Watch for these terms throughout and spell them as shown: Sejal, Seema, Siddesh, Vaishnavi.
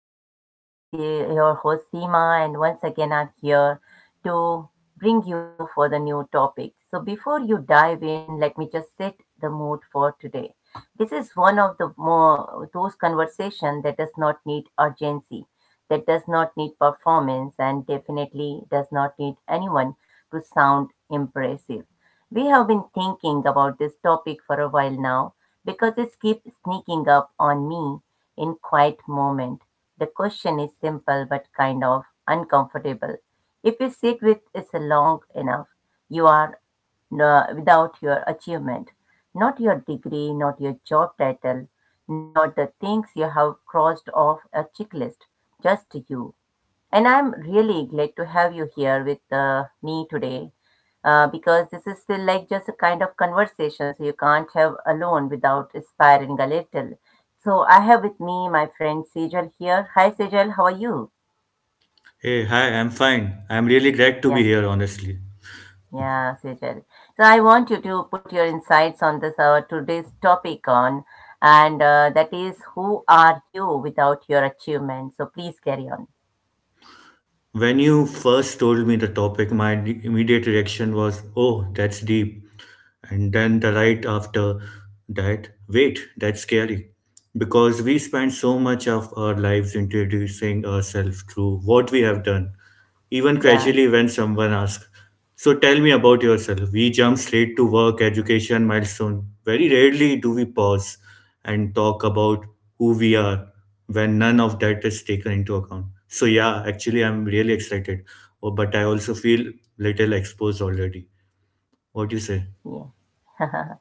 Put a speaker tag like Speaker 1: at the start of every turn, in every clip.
Speaker 1: new podcast. This is your host Seema, and once again I'm here to bring you for the new topic. So before you dive in, let me just set the mood for today. This is one of the more those conversation that does not need urgency, that does not need performance, and definitely does not need anyone to sound impressive. We have been thinking about this topic for a while now because it keeps sneaking up on me in quiet moment. The question is simple but kind of uncomfortable. If you sit with it long enough, you are without your achievement, not your degree, not your job title, not the things you have crossed off a checklist, just you. And I'm really glad to have you here with me today, because this is still like just a kind of conversation so you can't have alone without inspiring a little. So I have with me my friend Sejal here. Hi Sejal, how are you?
Speaker 2: Hey, hi, I'm fine. I'm really glad to be
Speaker 1: Yeah,
Speaker 2: here, honestly.
Speaker 1: yeah, Sejal. So I want you to put your insights on this today's topic on, and that is who are you without your achievement. So please carry on.
Speaker 2: When you first told me the topic, immediate reaction was, oh, that's deep. And then the right after that, wait, that's scary. Because we spend so much of our lives introducing ourselves through what we have done. Even
Speaker 1: Yeah,
Speaker 2: casually, when someone asks, so tell me about yourself. We jump straight to work, education, milestone. Very rarely do we pause and talk about who we are when none of that is taken into account. So yeah, actually I'm really excited. Oh, but I also feel little exposed already. What do you say?
Speaker 1: yeah.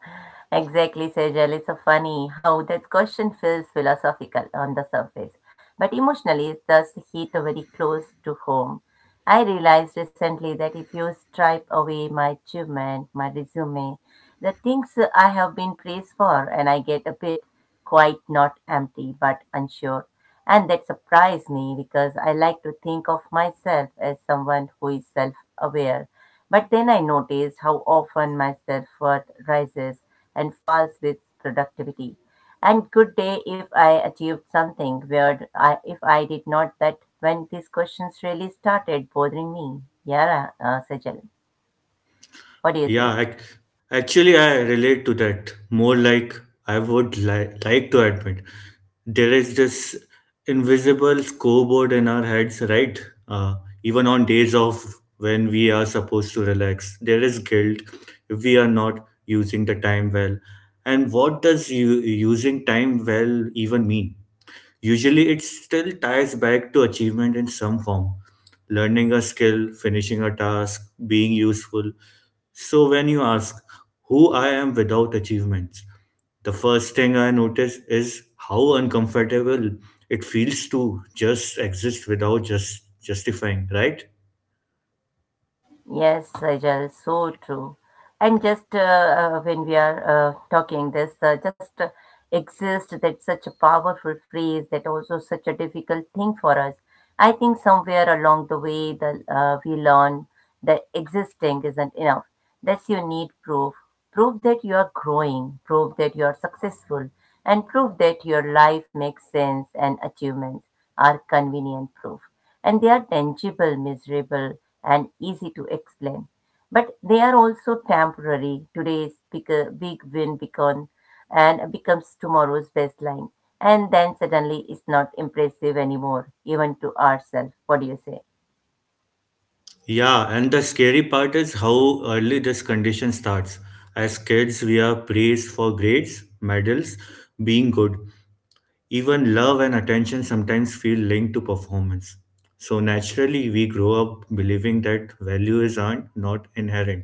Speaker 1: Exactly, Sejal. It's so funny how that question feels philosophical on the surface, but emotionally it does hit very close to home. I realized recently that if you stripe away my achievement, my resume, the things I have been praised for, and I get a bit quite not empty but unsure. And that surprised me because I like to think of myself as someone who is self aware, but then I notice how often my self worth rises and falls with productivity. And good day if I achieved something weird, if I did not, that when these questions really started bothering me. Yeah, Sejal, what do you say?
Speaker 2: Yeah, ac- actually, I relate to that more like I would like to admit. There is this invisible scoreboard in our heads, right? Uh, Even on days off when we are supposed to relax, there is guilt if we are not using the time well. And what does you using time well even mean? Usually, it still ties back to achievement in some form, learning a skill, finishing a task, being useful. So when you ask who I am without achievements, the first thing I notice is how uncomfortable it feels to just exist without just justifying, right?
Speaker 1: Yes, Sajal, so true. And just when we are talking this, just exist that such a powerful phrase that also such a difficult thing for us. I think somewhere along the way, the we learn that existing isn't enough. That's you need proof. Proof that you are growing. Proof that you are successful, and proof that your life makes sense, and achievements are convenient proof, and they are tangible, measurable, and easy to explain. But they are also temporary. Today's big win becomes and becomes tomorrow's baseline. And then suddenly it's not impressive anymore, even to ourselves. What do you say?
Speaker 2: Yeah, and the scary part is how early this condition starts. As kids, we are praised for grades, medals, being good. Even love and attention sometimes feel linked to performance. So naturally, we grow up believing that value is earned, not inherent.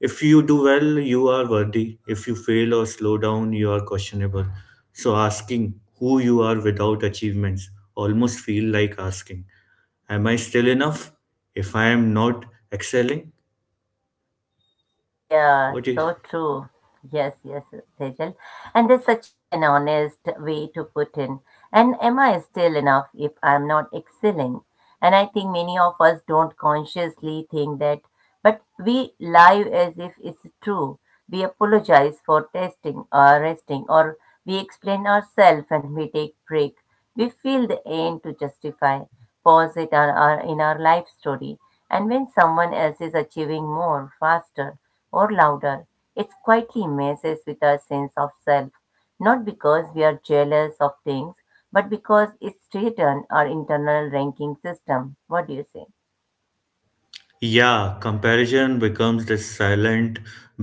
Speaker 2: If you do well, you are worthy. If you fail or slow down, you are questionable. So asking who you are without achievements almost feel like asking, am I still enough? If I am not excelling,
Speaker 1: Yeah,
Speaker 2: what is.
Speaker 1: so true. Yes, yes, Tejal. And there's such an honest way to put in. And am I still enough if I'm not excelling? And I think many of us don't consciously think that, but we lie as if it's true. We apologize for testing or resting, or we explain ourselves and we take break. We feel the aim to justify pause it are in our life story. And when someone else is achieving more, faster, or louder, it quietly messes with our sense of self. Not because we are jealous of things, but because it's written our internal ranking system. What do you say?
Speaker 2: Yeah, comparison becomes the silent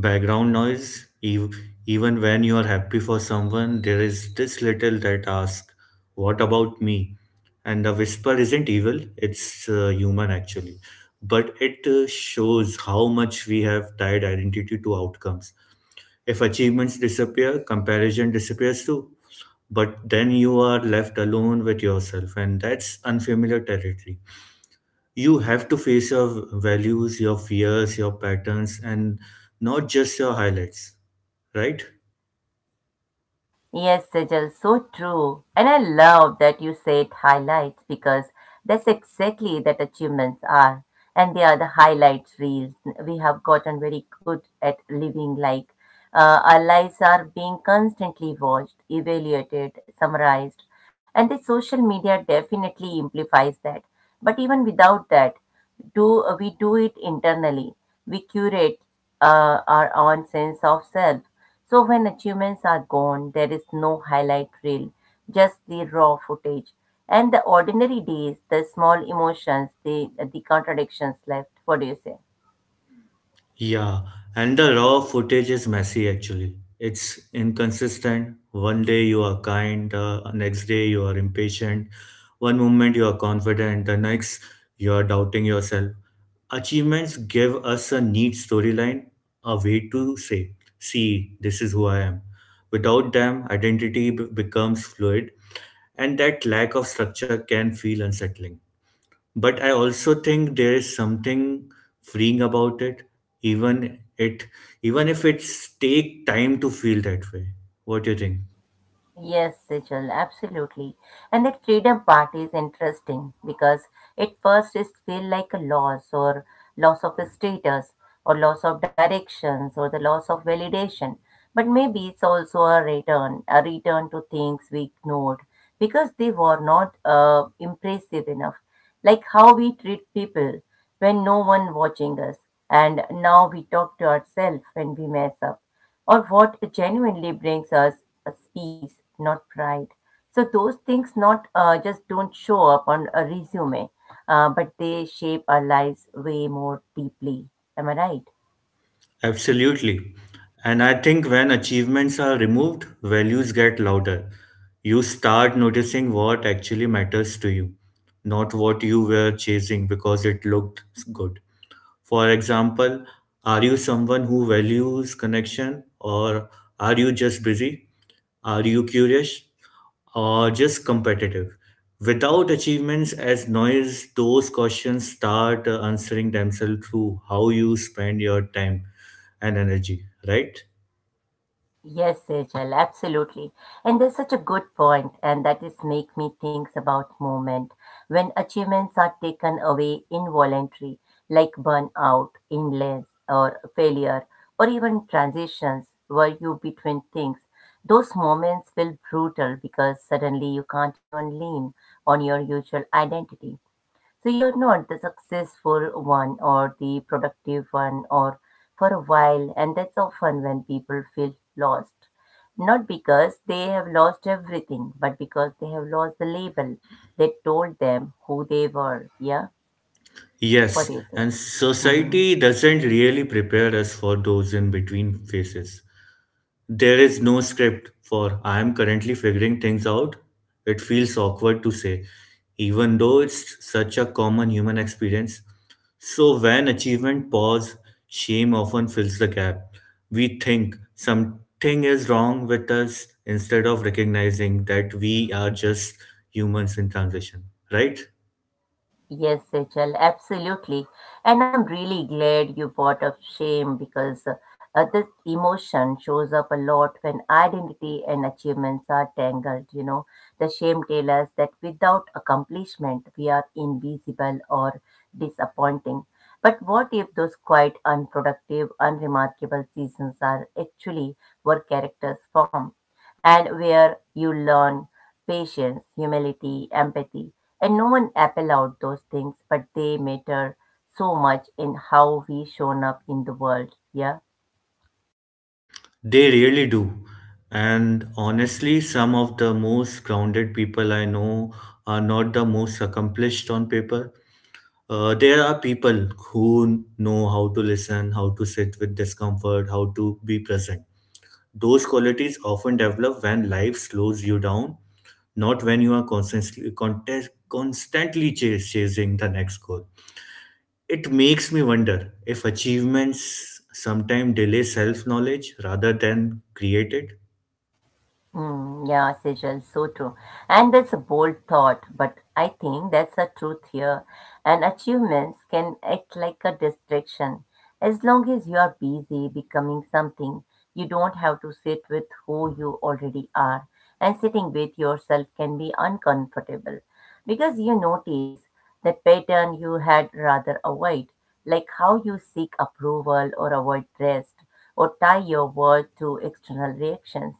Speaker 2: background noise. Even when you are happy for someone, there is this little that asks, what about me? And the whisper isn't evil, it's human actually. But it shows how much we have tied identity to outcomes. If achievements disappear, comparison disappears too. But then you are left alone with yourself, and that's unfamiliar territory. You have to face your values, your fears, your patterns, and not just your highlights, right?
Speaker 1: Yes, Sejal, so true. And I love that you said highlights because that's exactly that achievements are. And they are the highlights reels. We have gotten very good at living like our lives are being constantly watched, evaluated, summarized. And the social media definitely amplifies that. But even without that, do we do it internally? We curate our own sense of self. So when achievements are gone, there is no highlight reel, just the raw footage, and the ordinary days, the small emotions, the contradictions left. What do you say?
Speaker 2: Yeah, and the raw footage is messy actually. It's inconsistent. One day you are kind, next day you are impatient. One moment you are confident, the next you are doubting yourself. Achievements give us a neat storyline, a way to say, see, this is who I am. Without them, becomes fluid and that lack of structure can feel unsettling. But I also think there is something freeing about it, even it even if it's take time to feel that way. What do you think?
Speaker 1: Yes, Sejal, absolutely. And that freedom part is interesting because at first it feels like a loss, or loss of status, or loss of directions, or the loss of validation. But maybe it's also a return to things we ignored because they were not impressive enough. Like how we treat people when no one watching us, and now we talk to ourselves when we mess up, or what genuinely brings us a peace, not pride. So those things not just don't show up on a resume, but they shape our lives way more deeply. Am I right?
Speaker 2: Absolutely. And I think when achievements are removed, values get louder. You start noticing what actually matters to you, not what you were chasing because it looked good. For example, are you someone who values connection or are you just busy? Are you curious or just competitive? Without achievements as noise, those questions start answering themselves through how you spend your time and energy, right?
Speaker 1: Yes, Sejal, absolutely. And that's such a good point, and that is make me think about movement when achievements are taken away involuntary, like burnout, illness, or failure, or even transitions where you between things. Those moments feel brutal because suddenly you can't even lean on your usual identity. So you're not the successful one or the productive one or for a while, and that's often when people feel lost. Not because they have lost everything, but because they have lost the label that told them who they were. Yeah? What
Speaker 2: Yes,
Speaker 1: do you say?
Speaker 2: and
Speaker 1: Mm-hmm.
Speaker 2: society doesn't really prepare us for those in between phases. There is no script for I am currently figuring things out. It feels awkward to say, even though it's such a common human experience. So, when achievement pause, shame often fills the gap. We think something is wrong with us instead of recognizing that we are just humans in transition, right?
Speaker 1: Yes, HL, absolutely. And I'm really glad you brought up shame because this emotion shows up a lot when identity and achievements are tangled. You know, the shame tells us that without accomplishment, we are invisible or disappointing. But what if those quite unproductive, unremarkable seasons are actually where characters form? And where you learn patience, humility, empathy. And no one apple out those things, but they matter so much in how we shown up in the world. Yeah.
Speaker 2: They really do. And honestly, some of the most grounded people I know are not the most accomplished on paper. There are people who know how to listen, how to sit with discomfort, how to be present. Those qualities often develop when life slows you down, not when you are constantly chasing the next goal. It makes me wonder if achievements sometimes delay self knowledge rather than create it.
Speaker 1: Mm, yeah, Sejal, so true. And that's a bold thought, but I think that's a truth here. And achievements can act like a distraction. As long as you are busy becoming something, you don't have to sit with who you already are. And sitting with yourself can be uncomfortable because you notice the pattern you had rather avoid, like how you seek approval or avoid rest or tie your worth to external reactions,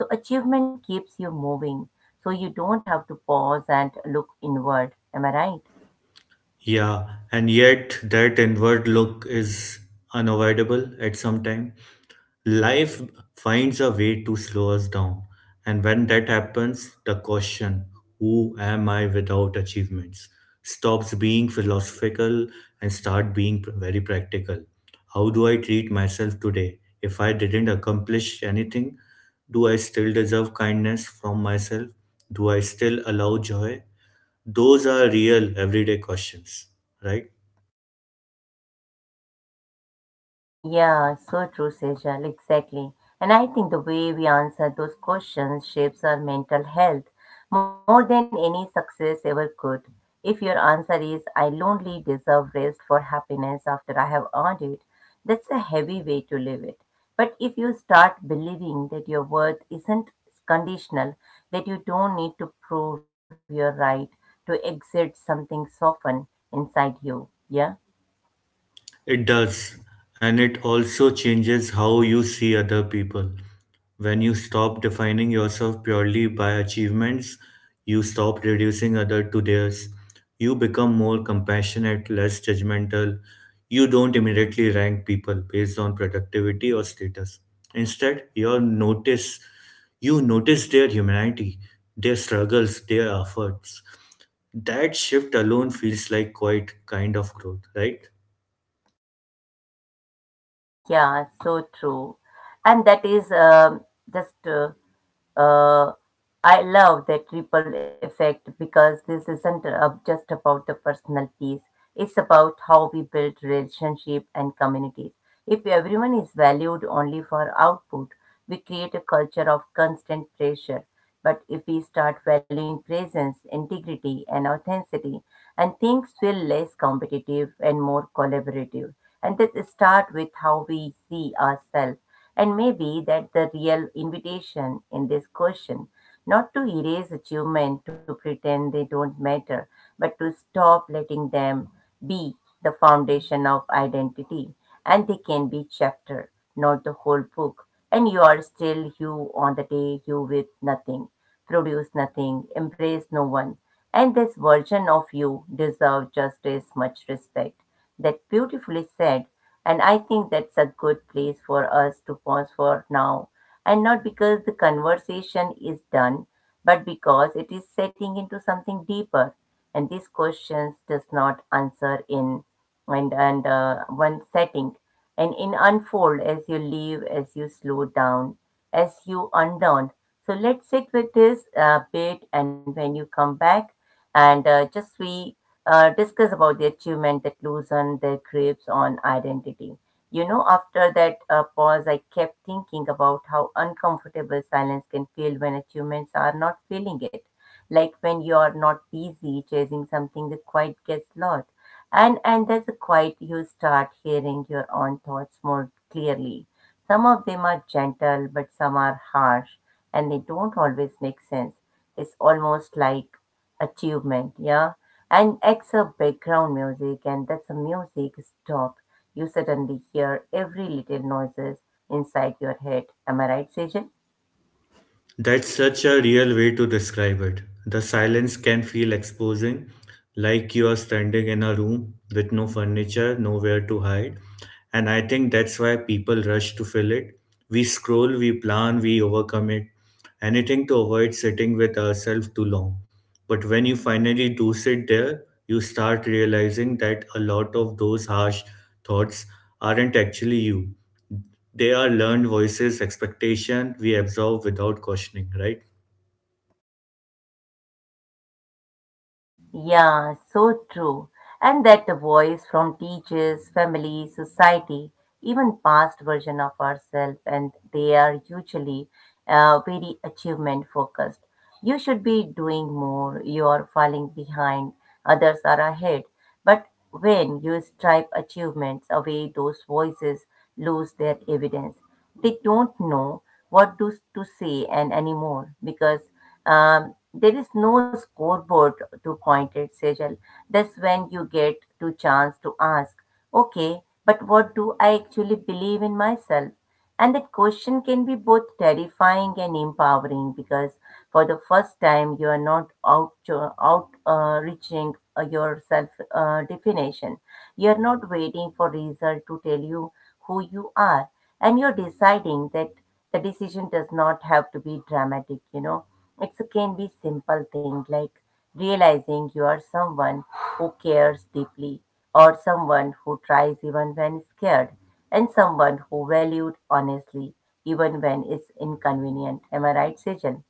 Speaker 1: so achievement keeps you moving. So you don't have to pause and look inward. Am I right?
Speaker 2: Yeah, and yet that inward look is unavoidable at some time. Life finds a way to slow us down, and when that happens, the question, who am I without achievements, stops being philosophical and very practical. How do I treat myself today? If I didn't accomplish anything, do I still deserve kindness from myself? Do I still allow joy? Those are real everyday questions, right?
Speaker 1: Yeah, so true, Sejal, exactly. And I think the way we answer those questions shapes our mental health more than any success ever could. If your answer is, I lonely deserve rest for happiness after I have earned it, that's a heavy way to live it. But if you start believing that your worth isn't conditional, that you don't need to prove you're right to exert something soften inside you, yeah?
Speaker 2: It does, and it also changes how you see other people. When you stop defining yourself purely by achievements, you stop reducing other to theirs. You become more compassionate, less judgmental. You don't immediately rank people based on productivity or status. Instead, you notice their humanity, their struggles, their efforts. That shift alone feels like quite kind of growth, right?
Speaker 1: Yeah, so true. And that is just uh, I love that ripple effect because this isn't just about the personal piece. It's about how we build relationship and communities. If everyone is valued only for output, we create a culture of constant pressure. But if we start valuing presence, integrity, and authenticity, and things feel less competitive and more collaborative. And let's start with how we see ourselves. And maybe that the real invitation in this question, not to erase achievement, to pretend they don't matter, but to stop letting them be the foundation of identity. And they can be chapter, not the whole book. And you are still you on the day you with nothing, produce nothing, embrace no one. And this version of you deserves just as much respect, that beautifully said. And I think that's a good place for us to pause for now. And not because the conversation is done, but because it is setting into something deeper. And these questions does not answer in and one setting, and in unfold as you leave, as you slow down, as you undown. So let's sit with this a bit, and when you come back, and just we discuss about the achievement that loosen their grips on identity. You know, after that pause, I kept thinking about how uncomfortable silence can feel when achievements are not feeling it. Like when you are not busy chasing something, the quiet gets loud. And there's a quiet, you start hearing your own thoughts more clearly. Some of them are gentle but some are harsh, and they don't always make sense. It's almost like achievement, yeah, and except background music, and that's a music stop, you suddenly hear every little noises inside your head. Am I right, Sejal?
Speaker 2: That's such a real way to describe it. The silence can feel exposing, like you are standing in a room with no furniture, nowhere to hide. And I think that's why people rush to fill it. We scroll, we plan, we overcommit. Anything to avoid sitting with ourselves too long. But when you finally do sit there, you start realizing that a lot of those harsh thoughts aren't actually you. They are learned voices, expectation we absorb without questioning, right?
Speaker 1: Yeah, so true. And that voice from teachers, family, society, even past version of ourselves, and they are usually very achievement focused. You should be doing more, you are falling behind, others are ahead. But when you stripe achievements away, those voices lose their evidence. They don't know what to say and anymore because there is no scoreboard to point at, Sejal. That's when you get to chance to ask, okay, but what do I actually believe in myself? And that question can be both terrifying and empowering because for the first time you are not out reaching your self definition. You are not waiting for result to tell you who you are, and you're deciding that the decision does not have to be dramatic. You know, it can be simple thing like realizing you are someone who cares deeply or someone who tries even when scared and someone who valued honestly, even when it's inconvenient. Am I right, Sejal?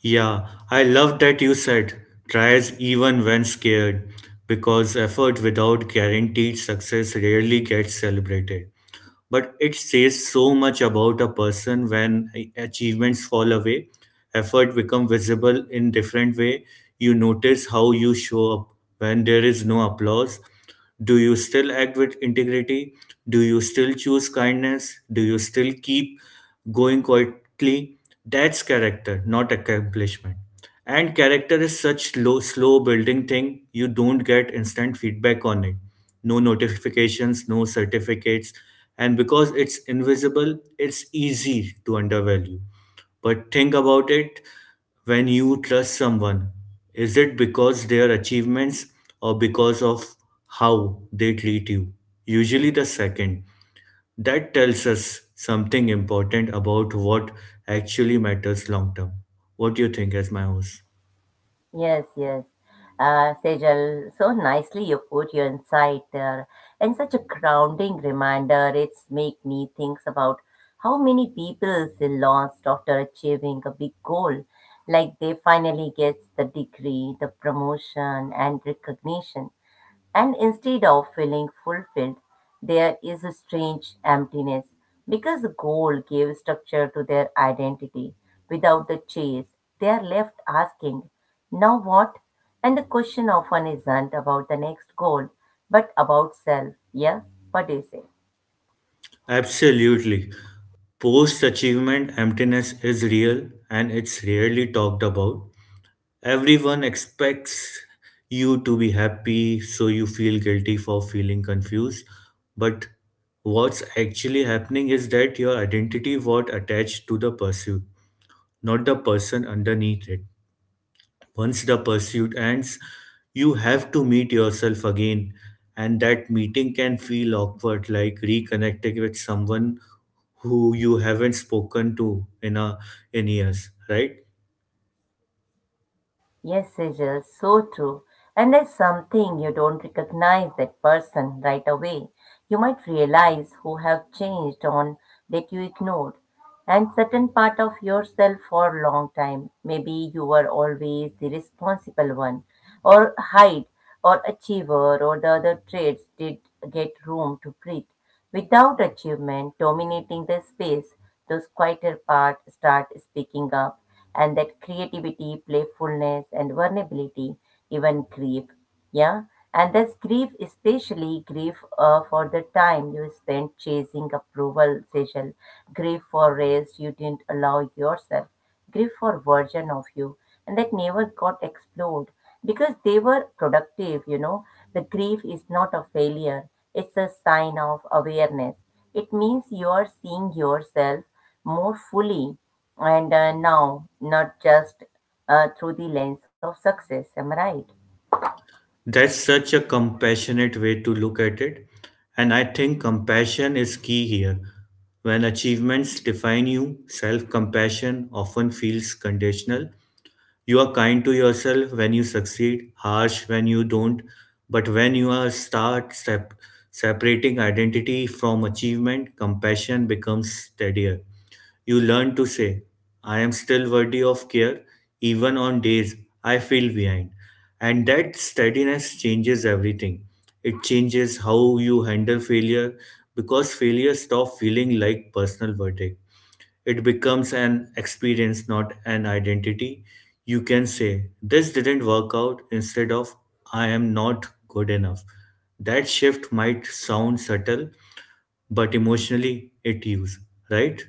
Speaker 2: Yeah, I love that you said tries even when scared, because effort without guaranteed success rarely gets celebrated, but it says so much about a person. When achievements fall away, effort become visible in different way. You notice how you show up when there is no applause. Do you still act with integrity? Do you still choose kindness? Do you still keep going quietly? That's character, not accomplishment. And character is such low, slow building thing. You don't get instant feedback on it, no notifications, no certificates. And because it's invisible, it's easy to undervalue. But think about it, when you trust someone, is it because their achievements or because of how they treat you? Usually the second. That tells us something important about what actually matters long term. What do you think as my host?
Speaker 1: Yes, yes. Sejal, so nicely you put your insight there, and such a grounding reminder. It's make me think about how many people feel lost after achieving a big goal, like they finally get the degree, the promotion, and recognition, and instead of feeling fulfilled, there is a strange emptiness because goal gave structure to their identity. Without the chase, they are left asking, now what? And the question often isn't about the next goal, but about self. Yeah? What do you say?
Speaker 2: Absolutely. Post achievement emptiness is real and it's rarely talked about. Everyone expects you to be happy, so you feel guilty for feeling confused. But what's actually happening is that your identity was attached to the pursuit, not the person underneath it. Once the pursuit ends, you have to meet yourself again, and that meeting can feel awkward, like reconnecting with someone who you haven't spoken to in years, right?
Speaker 1: Yes, Sejal, so true. And there's something you don't recognize that person right away. You might realize who have changed on that you ignored, and certain part of yourself for a long time. Maybe you were always the responsible one, or hide, or achiever, or the other traits did get room to breathe. Without achievement dominating the space, those quieter parts start speaking up, and that creativity, playfulness, and vulnerability, even grief, yeah, and that's grief, especially grief for the time you spent chasing approval, Sejal. Grief for race you didn't allow yourself. Grief for version of you, and that never got explored because they were productive. You know, the grief is not a failure; it's a sign of awareness. It means you are seeing yourself more fully, and now not just through the lens of success. Am I right?
Speaker 2: That's such a compassionate way to look at it, and I think compassion is key here. When achievements define you, self compassion often feels conditional. You are kind to yourself when you succeed, harsh when you don't, but when you are start sep- separating identity from achievement, compassion becomes steadier. You learn to say, I am still worthy of care, even on days I feel behind. And that steadiness changes everything. It changes how you handle failure, because failure stops feeling like personal verdict, it becomes an experience, not an identity. You can say, this didn't work out, instead of, I am not good enough. That shift might sound subtle, but emotionally it is, right?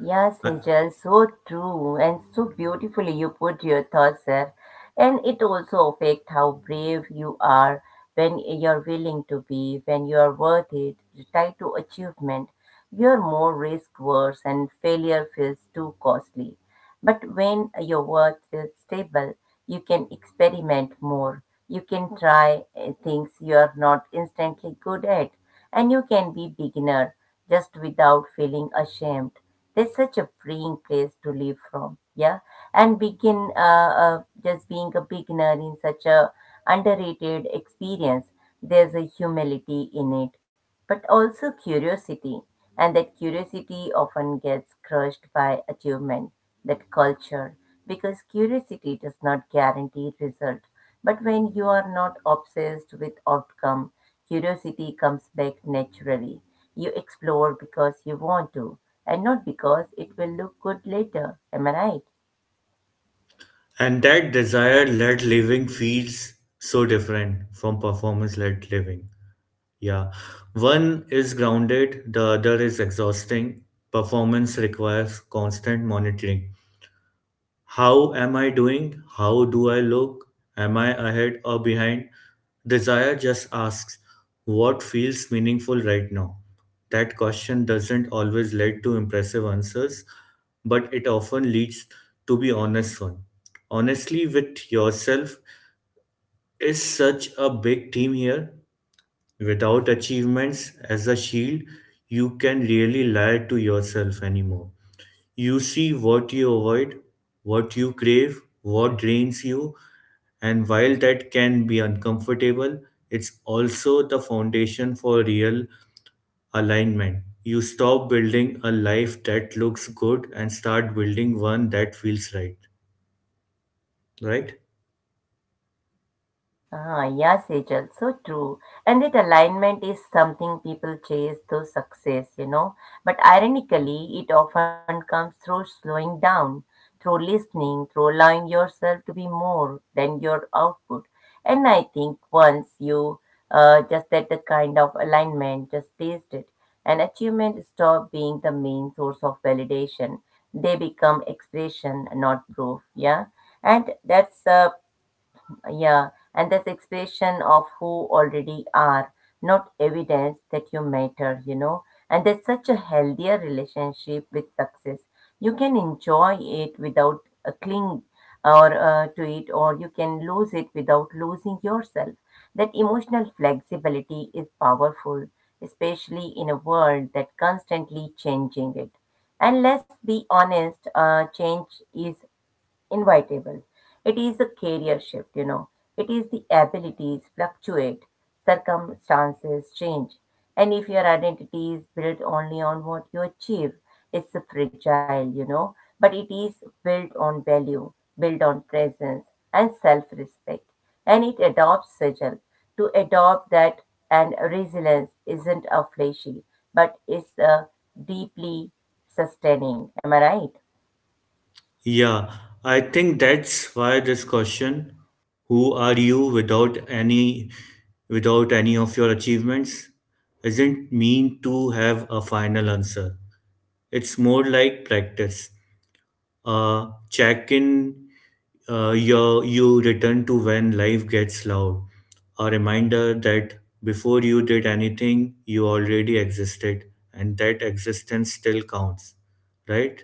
Speaker 1: Yeah,
Speaker 2: A-
Speaker 1: Sejal, so true and so beautifully you put your thoughts there. And it also affects how brave you are when you're willing to be, when you are worth it, tied to achievement. You're more risk averse and failure feels too costly. But when your work is stable, you can experiment more. You can try things you are not instantly good at, and you can be beginner just without feeling ashamed. There's such a freeing place to live from, yeah. And begin just being a beginner in such a underrated experience. There's a humility in it, but also curiosity, and that curiosity often gets crushed by achievement that culture because curiosity does not guarantee result, but when you are not obsessed with outcome, curiosity comes back naturally. You explore because you want to and not because it will look good later. Am I right?
Speaker 2: And that desire led living feels so different from performance led living. Yeah. One is grounded, the other is exhausting. Performance requires constant monitoring. How am I doing? How do I look? Am I ahead or behind? Desire just asks, what feels meaningful right now? That question doesn't always lead to impressive answers, but it often leads to be honest one. Honestly, with yourself is such a big theme here. Without achievements as a shield, you can really lie to yourself anymore. You see what you avoid, what you crave, what drains you, and while that can be uncomfortable, it's also the foundation for real alignment. You stop building a life that looks good and start building one that feels right, right?
Speaker 1: Ah, yeah, Sejal, so true. And that alignment is something people chase through success, you know. But ironically, it often comes through slowing down, through listening, through allowing yourself to be more than your output. And I think once you just that the kind of alignment, just taste it, and achievement stop being the main source of validation. They become expression, not proof. Yeah, and that's uh, yeah, and that's expression of who already are, not evidence that you matter, you know. And that's such a healthier relationship with success. You can enjoy it without a cling or to it, or you can lose it without losing yourself. That emotional flexibility is powerful, especially in a world that constantly changing it. And let's be honest, change is invitable. It is a career shift, you know. It is the abilities fluctuate, circumstances change. And if your identity is built only on what you achieve, it's a fragile, you know. But it is built on value, built on presence and self respect. And it adopts sigil. To adopt that and resilience isn't a flashy, but it's a deeply sustaining. Am I right?
Speaker 2: Yeah, I think that's why this question, who are you without any without any of your achievements, isn't mean to have a final answer. It's more like practice. Check in you return to when life gets loud. A reminder that before you did anything, you already existed and that existence still counts, right?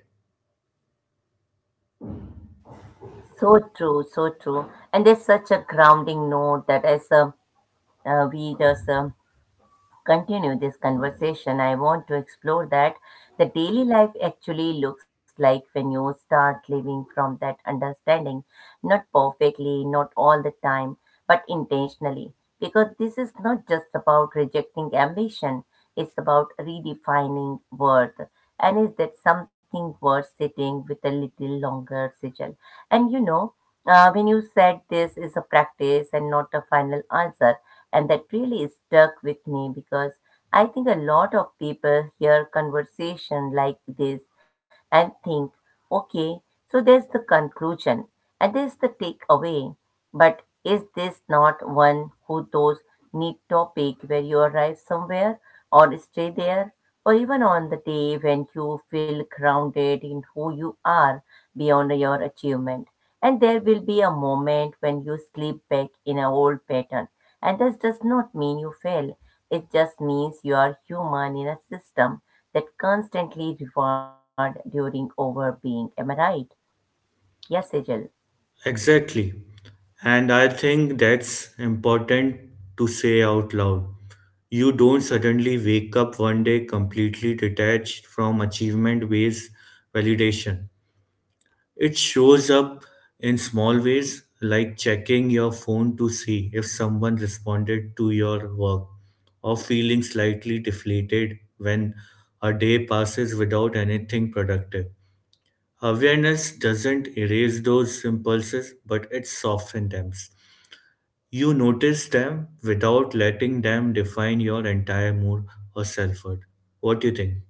Speaker 1: So true, so true. And there's such a grounding note that as we just continue this conversation, I want to explore that the daily life actually looks like when you start living from that understanding, not perfectly, not all the time, but intentionally. Because this is not just about rejecting ambition, it's about redefining worth. And is that something worth sitting with a little longer, Sijal? And you know, when you said this is a practice and not a final answer, and that really stuck with me because I think a lot of people hear conversation like this and think, okay, so there's the conclusion and there's the takeaway. But is this not one who those neat topic where you arrive somewhere or stay there? Or even on the day when you feel grounded in who you are beyond your achievement and there will be a moment when you slip back in an old pattern. And this does not mean you fail. It just means you are human in a system that constantly reward during over being. Am I right? Yes, Sejal.
Speaker 2: Exactly. And I think that's important to say out loud. You don't suddenly wake up one day completely detached from achievement based validation. It shows up in small ways, like checking your phone to see if someone responded to your work, or feeling slightly deflated when a day passes without anything productive. Awareness doesn't erase those impulses, but it softens them. You notice them without letting them define your entire mood or self worth. What do you think?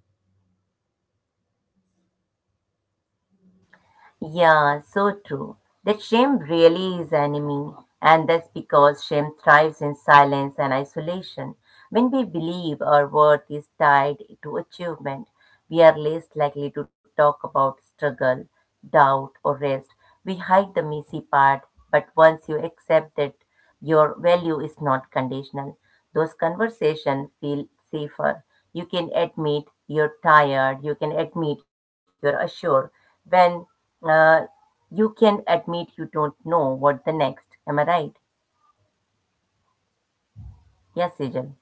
Speaker 1: Yeah, so true. That shame really is enemy, and that's because shame thrives in silence and isolation. When we believe our worth is tied to achievement, we are less likely to talk about struggle, doubt, or rest. We hide the messy part, but once you accept that your value is not conditional, those conversations feel safer. You can admit you're tired, you can admit you're assured when uh, you can admit you don't know what the next. Am I right? Yes, Sejal.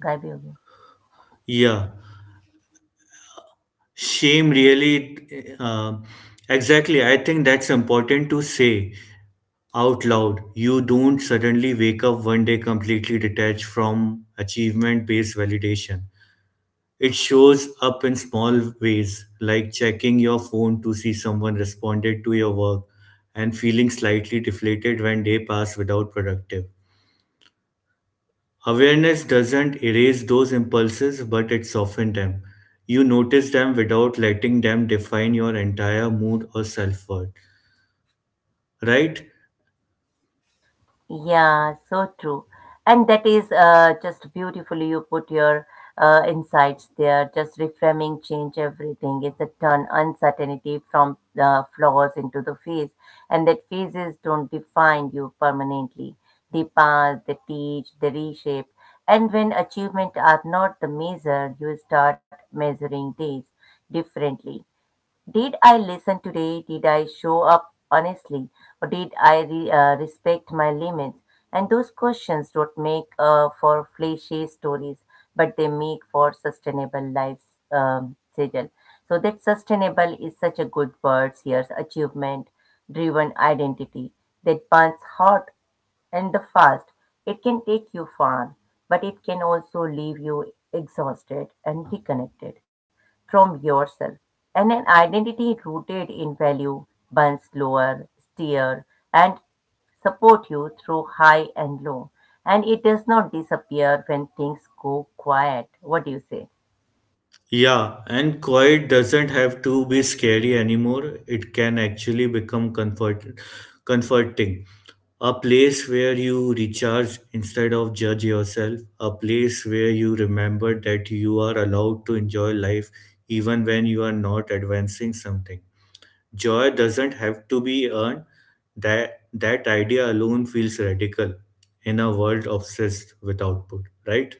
Speaker 1: Gabi ho gaya.
Speaker 2: Yeah, shame really, exactly. I think that's important to say out loud. You don't suddenly wake up one day completely detached from achievement based validation. It shows up in small ways, like checking your phone to see someone responded to your work and feeling slightly deflated when day pass without productive. Awareness doesn't erase those impulses, but it softens them. You notice them without letting them define your entire mood or self worth. Right?
Speaker 1: Yeah, so true. And that is just beautifully you put your insights there. Just reframing change everything. It's a turn uncertainty from the flaws into the phase. And that phases don't define you permanently. They pass, they teach, they reshape. And when achievement are not the measure, you start measuring days differently. Did I listen today? Did I show up honestly? Or did I respect my limits? And those questions don't make for flashy stories, but they make for sustainable lives, Sejal. So that sustainable is such a good word here, achievement driven identity that burns hot and the fast. It can take you far, but it can also leave you exhausted and disconnected from yourself. And an identity rooted in value burns slower, steer, and support you through high and low. And it does not disappear when things go quiet. What do you say?
Speaker 2: Yeah, and quiet doesn't have to be scary anymore. It can actually become comfort, comforting. A place where you recharge instead of judge yourself. A place where you remember that you are allowed to enjoy life even when you are not advancing something. Joy doesn't have to be earned. That idea alone feels radical in a world obsessed with output, right?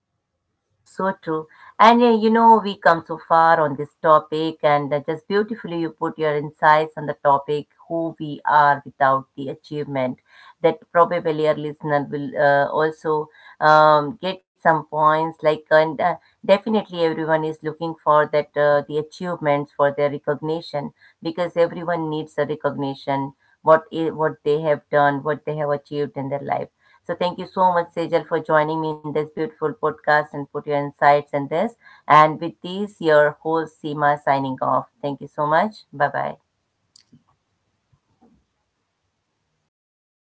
Speaker 1: Yeah, you're so true. And you know, we come so far on this topic, and just beautifully you put your insights on the topic who we are without the achievement. That probably our listener will also get some points. Like, and definitely everyone is looking for that the achievements for their recognition because everyone needs a recognition what they have done, what they have achieved in their life. So thank you so much, Sejal, for joining me in this beautiful podcast and put your insights in this. And with these, your host Seema signing off. Thank you so much. Bye bye.